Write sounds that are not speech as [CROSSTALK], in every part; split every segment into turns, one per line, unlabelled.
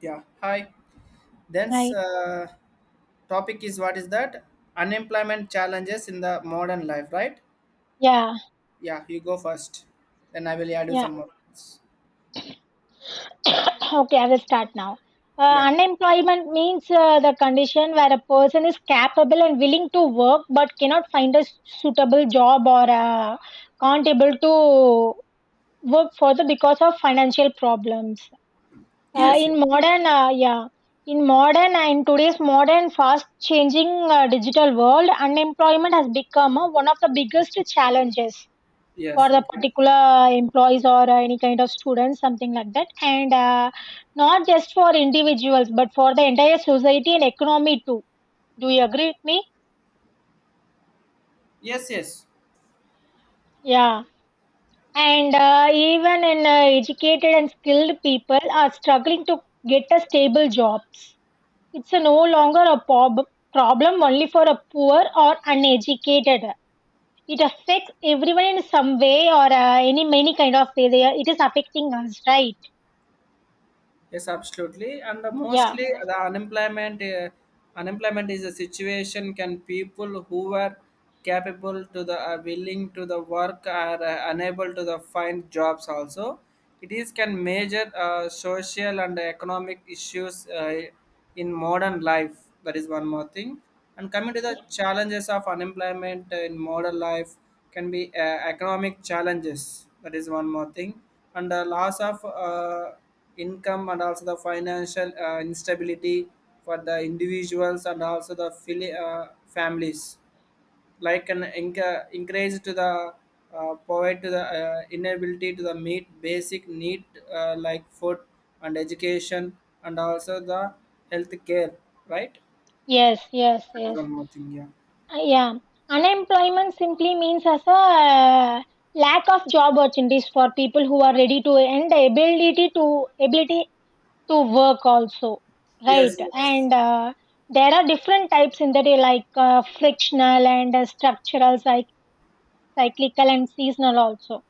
Yeah, hi. Then
Right.
topic is what is that? Unemployment challenges in the modern life, right?
Yeah,
Yeah, you go first. Then I will add you
yeah.
some more.
[COUGHS] Okay, I will start now.
Yeah.
Unemployment means the condition where a person is capable and willing to work but cannot find a suitable job, or can't able to work further because of financial problems. Uh,
Yes. Yes.
in modern, uh, yeah, in modern and today's modern fast changing digital world, unemployment has become one of the biggest challenges for
Yes,
the
okay.
particular employees, or any kind of students something like that, and not just for individuals but for the entire society and economy too. Do you agree with me?
Yes. Yes.
Yeah. And even in educated and skilled people are struggling to get a stable jobs. It's a no longer a problem only for a poor or uneducated. It affects everyone in some way, or any many kind of way. It is affecting us, right?
Yes, absolutely. And the
Yeah.
mostly the unemployment is a situation can people who are capable to the willing to the work are unable to the find jobs also. It is can major social and economic issues in modern life. That is one more thing. And coming to the challenges of unemployment in modern life can be economic challenges. That is one more thing. And the loss of income and also the financial instability for the individuals and also the families like an increase to the provide to the inability to the meet basic need, like food and education and also the health care, right?
Yes, yes,
That's
yes.
one more thing. Yeah.
Yeah. Unemployment simply means as a lack of job opportunities for people who are ready to and the ability to work also, right?
Yes, yes.
And there are different types in the day like frictional and structural, cyclical and seasonal also.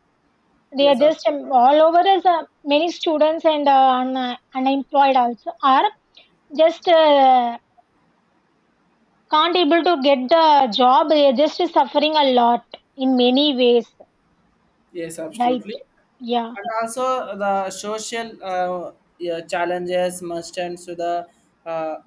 They are
Yes,
just
absolutely.
all over as many students and unemployed also are just, can't able to get the job. They are just suffering a lot in many ways,
Yes,
right?
absolutely.
Yeah,
And also the social, yeah, challenges must end to the uh,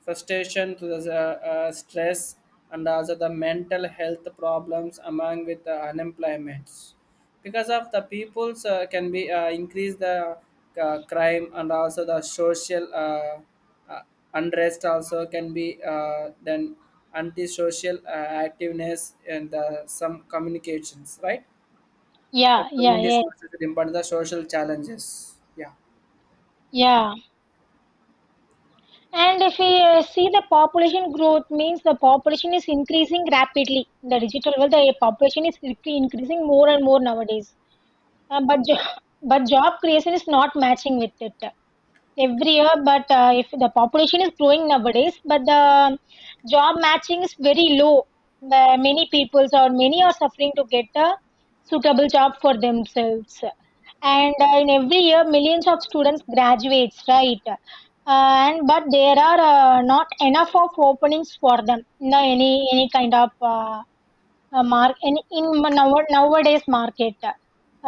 frustration to the stress and also the mental health problems among with the unemployments because of the peoples can be increase the crime and also the social uh, unrest also can be then antisocial activeness and some communications, right? The
yeah, yeah,
communist
yeah,
versus them, but the social challenges. Yeah,
yeah. And if we see the population growth means, the population is increasing rapidly in the digital world, the population is increasing more and more nowadays. But [LAUGHS] but job creation is not matching with it every year, but if the population is growing nowadays, but the job matching is very low. The many peoples or many are suffering to get a suitable job for themselves, and in every year millions of students graduates, right? And but there are not enough of openings for them. No, any kind of mark in now, nowadays market,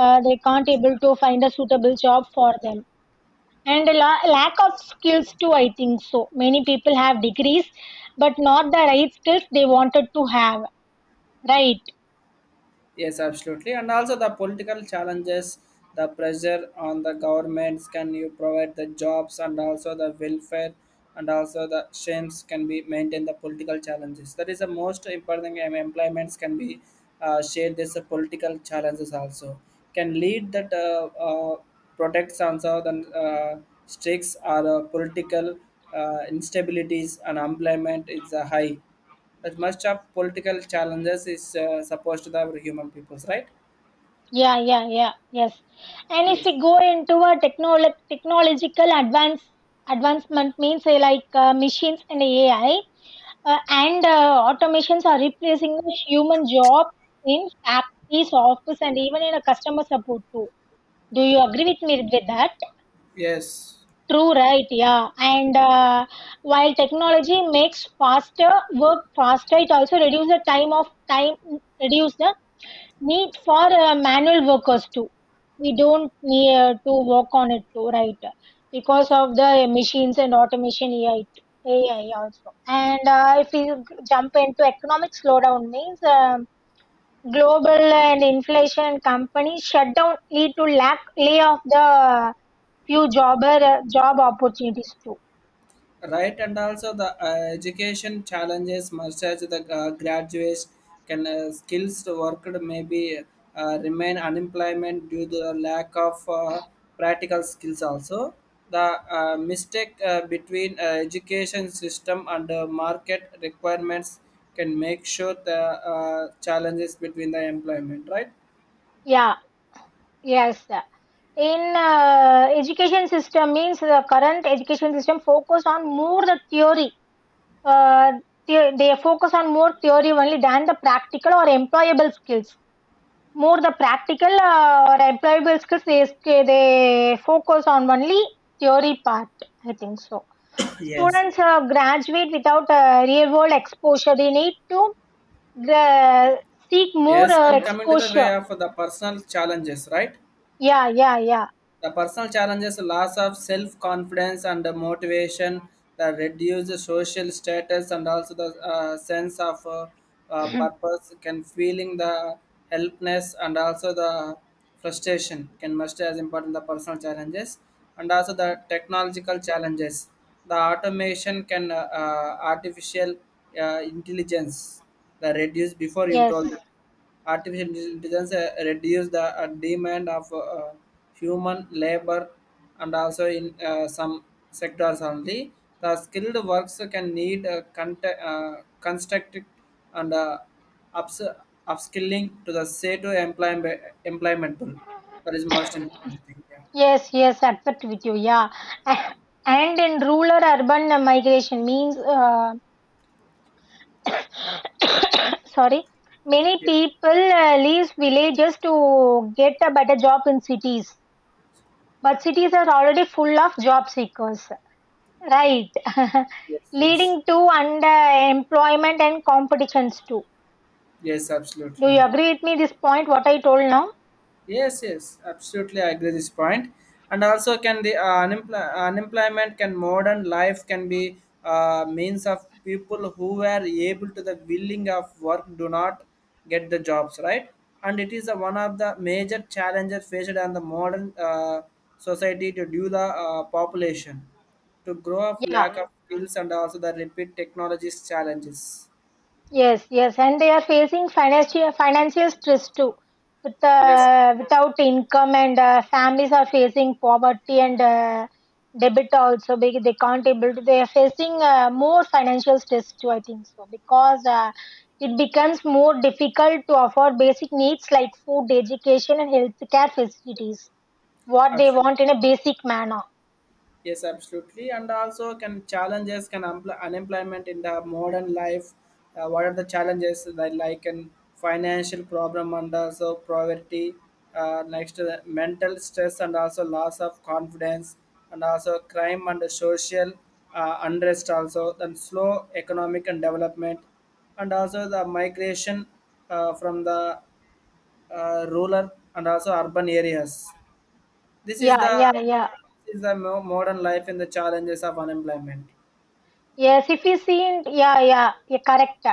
they can't able to find a suitable job for them. And a lack of skills too. I think so many people have degrees but not the right skills they wanted to have, right?
yes, absolutely. And also the political challenges, the pressure on the governments can you provide the jobs and also the welfare and also the shames can be maintain the political challenges. That is the most important thing. Employments can be shared this political challenges also can lead that protects also the uh, streaks or political instabilities, and unemployment is high. That much of political challenges is supposed to the human peoples, right?
Yeah, yeah, yeah. Yes. And if
Yes.
we go into a technological advancement means like machines and AI, and automations are replacing the human job in factories office and even in a customer support too. Do you agree with me with that?
Yes,
True, right? Yeah. And while technology makes faster work faster, it also reduces the time of time, reduce the need for manual workers too. We don't need to work on it too, right? Because of the machines and automation AI, AI also. And if we jump into economic slowdown means global and inflation, companies shutdown lead to lack lay of the few job job opportunities too.
right. And also the education challenges must as the graduates can skills worked maybe remain unemployment due to the lack of practical skills also, the mistake between education system and market requirements can make sure the challenges between the employment, right?
Yeah, yes. In education system means, the current education system focus on more the theory. Uh, they focus on more theory only than the practical or employable skills. More the practical or employable skills, they focus on only theory part. I think so.
Yes.
Students graduate without real world exposure. They need to uh, seek more
Yes, and coming to the way
exposure.
of the personal challenges, right?
Yeah, yeah, yeah.
The personal challenges, loss of self confidence and the motivation, the reduced social status, and also the sense of
[COUGHS]
purpose, can feeling the helplessness and also the frustration can must as important the personal challenges, and also the technological challenges. The automation can artificial intelligence, the reduce before you
Yes,
told. Artificial intelligence reduces the demand of human labor, and also in some sectors only. The skilled works can need construct and uh, ups- upskilling to the say to employment tool. That is most important thing. Yeah.
yes, yes, accept with you, yeah. A- And in rural urban migration means, [COUGHS] [CLEARS THROAT] sorry, many
Yes.
people leave villages to get a better job in cities, but cities are already full of job seekers, right? [LAUGHS]
Yes. Yes.
Leading to underemployment and competitions too.
Yes.
Do
Absolutely.
you agree with me this point, what I told now?
Yes, yes, absolutely. I agree this point. And also, can the unemployment can modern life can be means of people who were able to the willing of work do not get the jobs, right, and it is a, one of the major challenges faced on the modern society to do the population to grow of
Yeah.
lack of skills and also the repeat technologies challenges.
Yes, yes, and they are facing financial stress too, with
Yes,
without income, and families are facing poverty and debit also. Because they can't able to. They are facing more financial stress too. I think so, because it becomes more difficult to afford basic needs like food, education, and healthcare facilities. What they
absolutely.
want in a basic manner.
Yes, absolutely. And also, can challenges can unemployment in the modern life? What are the challenges that like and financial problem and also poverty, next to the mental stress and also loss of confidence and also crime and the social unrest also, then slow economic and development and also the migration from the rural and also urban areas. This is
Yeah,
the
yeah, yeah.
this is the modern life and the challenges of unemployment.
Yes, if we see, in, yeah, yeah, yeah, correct.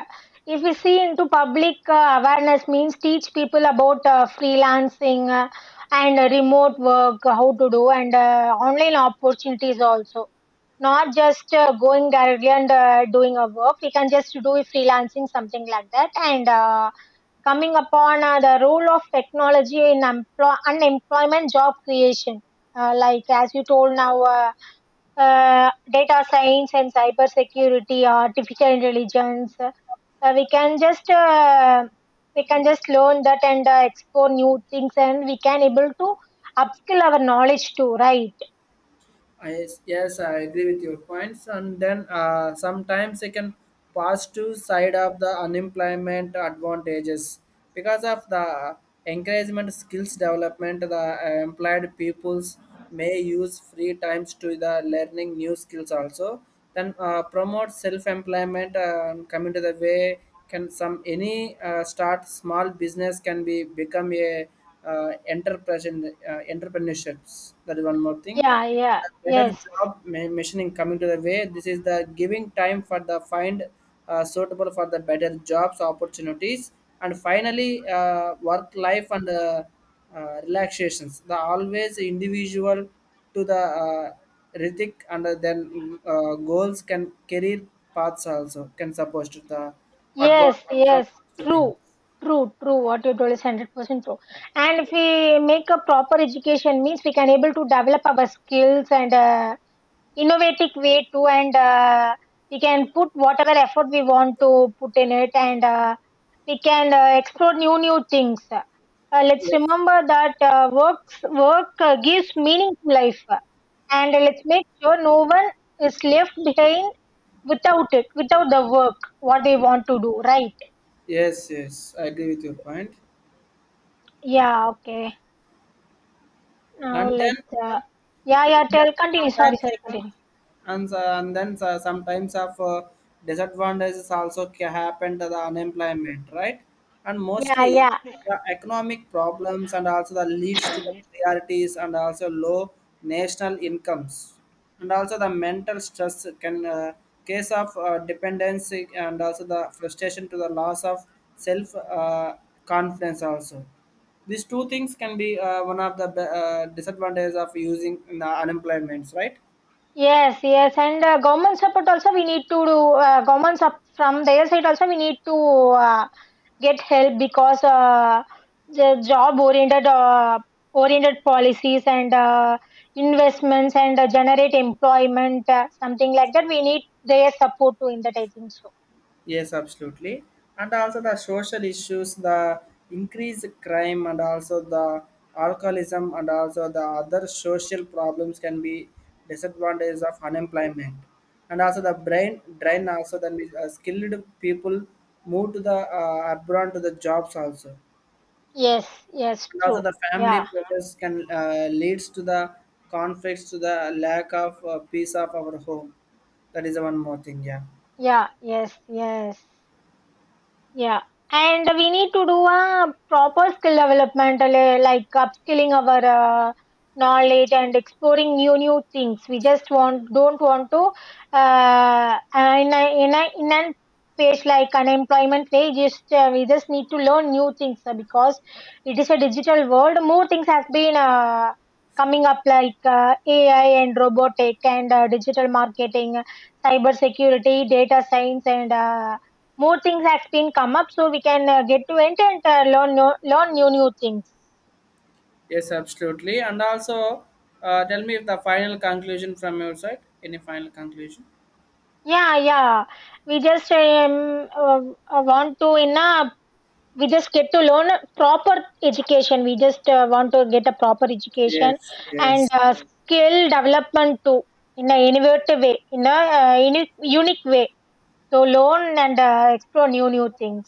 If we see into public awareness means, teach people about freelancing, and remote work, how to do, and online opportunities also. Not just going directly and doing a work. We can just do freelancing, something like that. And coming upon the role of technology in unemployment job creation. Like as you told now. Data science and cyber security, artificial intelligence. We can just learn that and explore new things, and we can able to upskill our knowledge too. Right?
I, yes, I agree with your points. And then sometimes I can pass to side of the unemployment advantages because of the encouragement skills development. The employed peoples may use free times to the learning new skills also. Then promote self-employment and come into the way, can some any start small business can be become a uh, entrepreneurships. That is one more thing.
Yeah. Yeah.
The better
Yes.
job machining coming to the way. This is the giving time for the find suitable for the better jobs opportunities, and finally work life and relaxations. The always individual to the Ritik and then goals can career paths also can support to the
Yes.
advantages of
Yes.
to things.
True. True, true. What you told is 100% true. And if we make a proper education means, we can able to develop our skills and innovative way too, and we can put whatever effort we want to put in it, and we can explore new things. Let's
Yes,
remember that work gives meaning to life, and let's make sure no one is left behind without it, without the work what they want to do, right?
yes, yes. I agree with your point.
Yeah. Okay, now
And then,
let's yeah,
and
yeah,
then
tell continue. Sorry,
sometimes
sorry, continue.
and so- and then so- sometimes of disadvantages also happen to the unemployment, right, and
Yeah,
mostly
yeah.
the economic problems and also the leads to the priorities and also low national incomes, and also the mental stress can case of dependency and also the frustration to the loss of self confidence also. These two things can be one of the disadvantages of using the unemployments, right?
Yes, yes, and government support also we need to do. From their side also we need to uh, get help, because the job oriented policies, and investments, and generate employment, something like that. We need their support too in that. I think so.
Yes, absolutely. And also the social issues, the increased crime, and also the alcoholism, and also the other social problems can be disadvantages of unemployment. And also the brain drain also, then we, skilled people move to the abroad to the jobs also.
Yes, yes,
And also
true.
the family
Yeah,
pressures can leads to the conflicts to the lack of peace of our home. That is one more thing. Yeah.
yeah, yes, yes. Yeah, and we need to do a proper skill development, like upskilling our uh, knowledge and exploring new things. We just want don't want to in a page like unemployment page. Just We just need to learn new things, because it is a digital world. More things has been coming up like AI and robotic, and digital marketing, cyber security, data science, and more things has been come up, so we can get to enter and learn no, learn new things.
Yes, absolutely. And also, tell me if the final conclusion from your side. Any final conclusion?
Yeah, yeah, we just want to in a we just get to learn a proper education. We just want to get a proper education,
Yes,
and
yes,
skill development too, in a innovative way, in a unique way to learn and explore new things.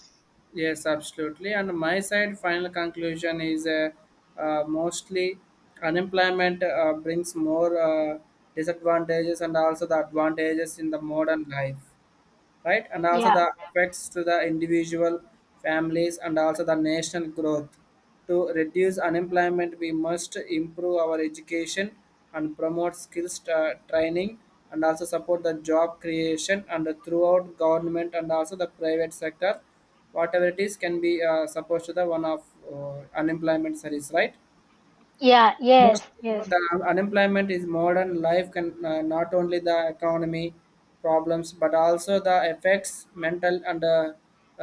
yes, absolutely. And my side, final conclusion is mostly unemployment brings more disadvantages and also the advantages in the modern life, right? And also
Yeah,
the effects to the individual families and also the national growth. To reduce unemployment, we must improve our education and promote skills training and also support the job creation and throughout government and also the private sector, whatever it is can be supposed to the one of unemployment service, right?
yeah, yes,
Mostly
yes.
the unemployment is modern life can not only the economy problems but also the effects mental and uh,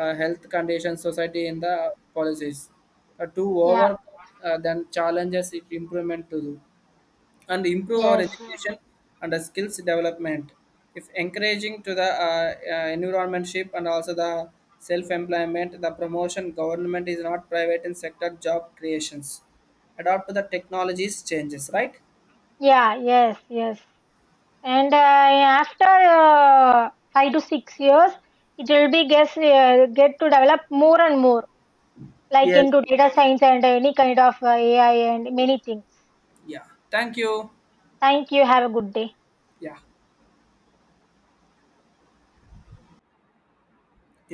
uh, health conditions society in the policies to
Yeah.
overcome then challenges, it improvement to do and improve our
Yes.
education and the skills development, if encouraging to the environmentship and also the self-employment, the promotion government is not private in sector job creations, adapt to the technologies changes, right?
Yeah. Yes, yes. And after 5 to 6 years, it will be guess get to develop more and more, like
Yes.
into data science and any kind of AI and many things.
Yeah, thank you.
Thank you, have a good day.
Yeah.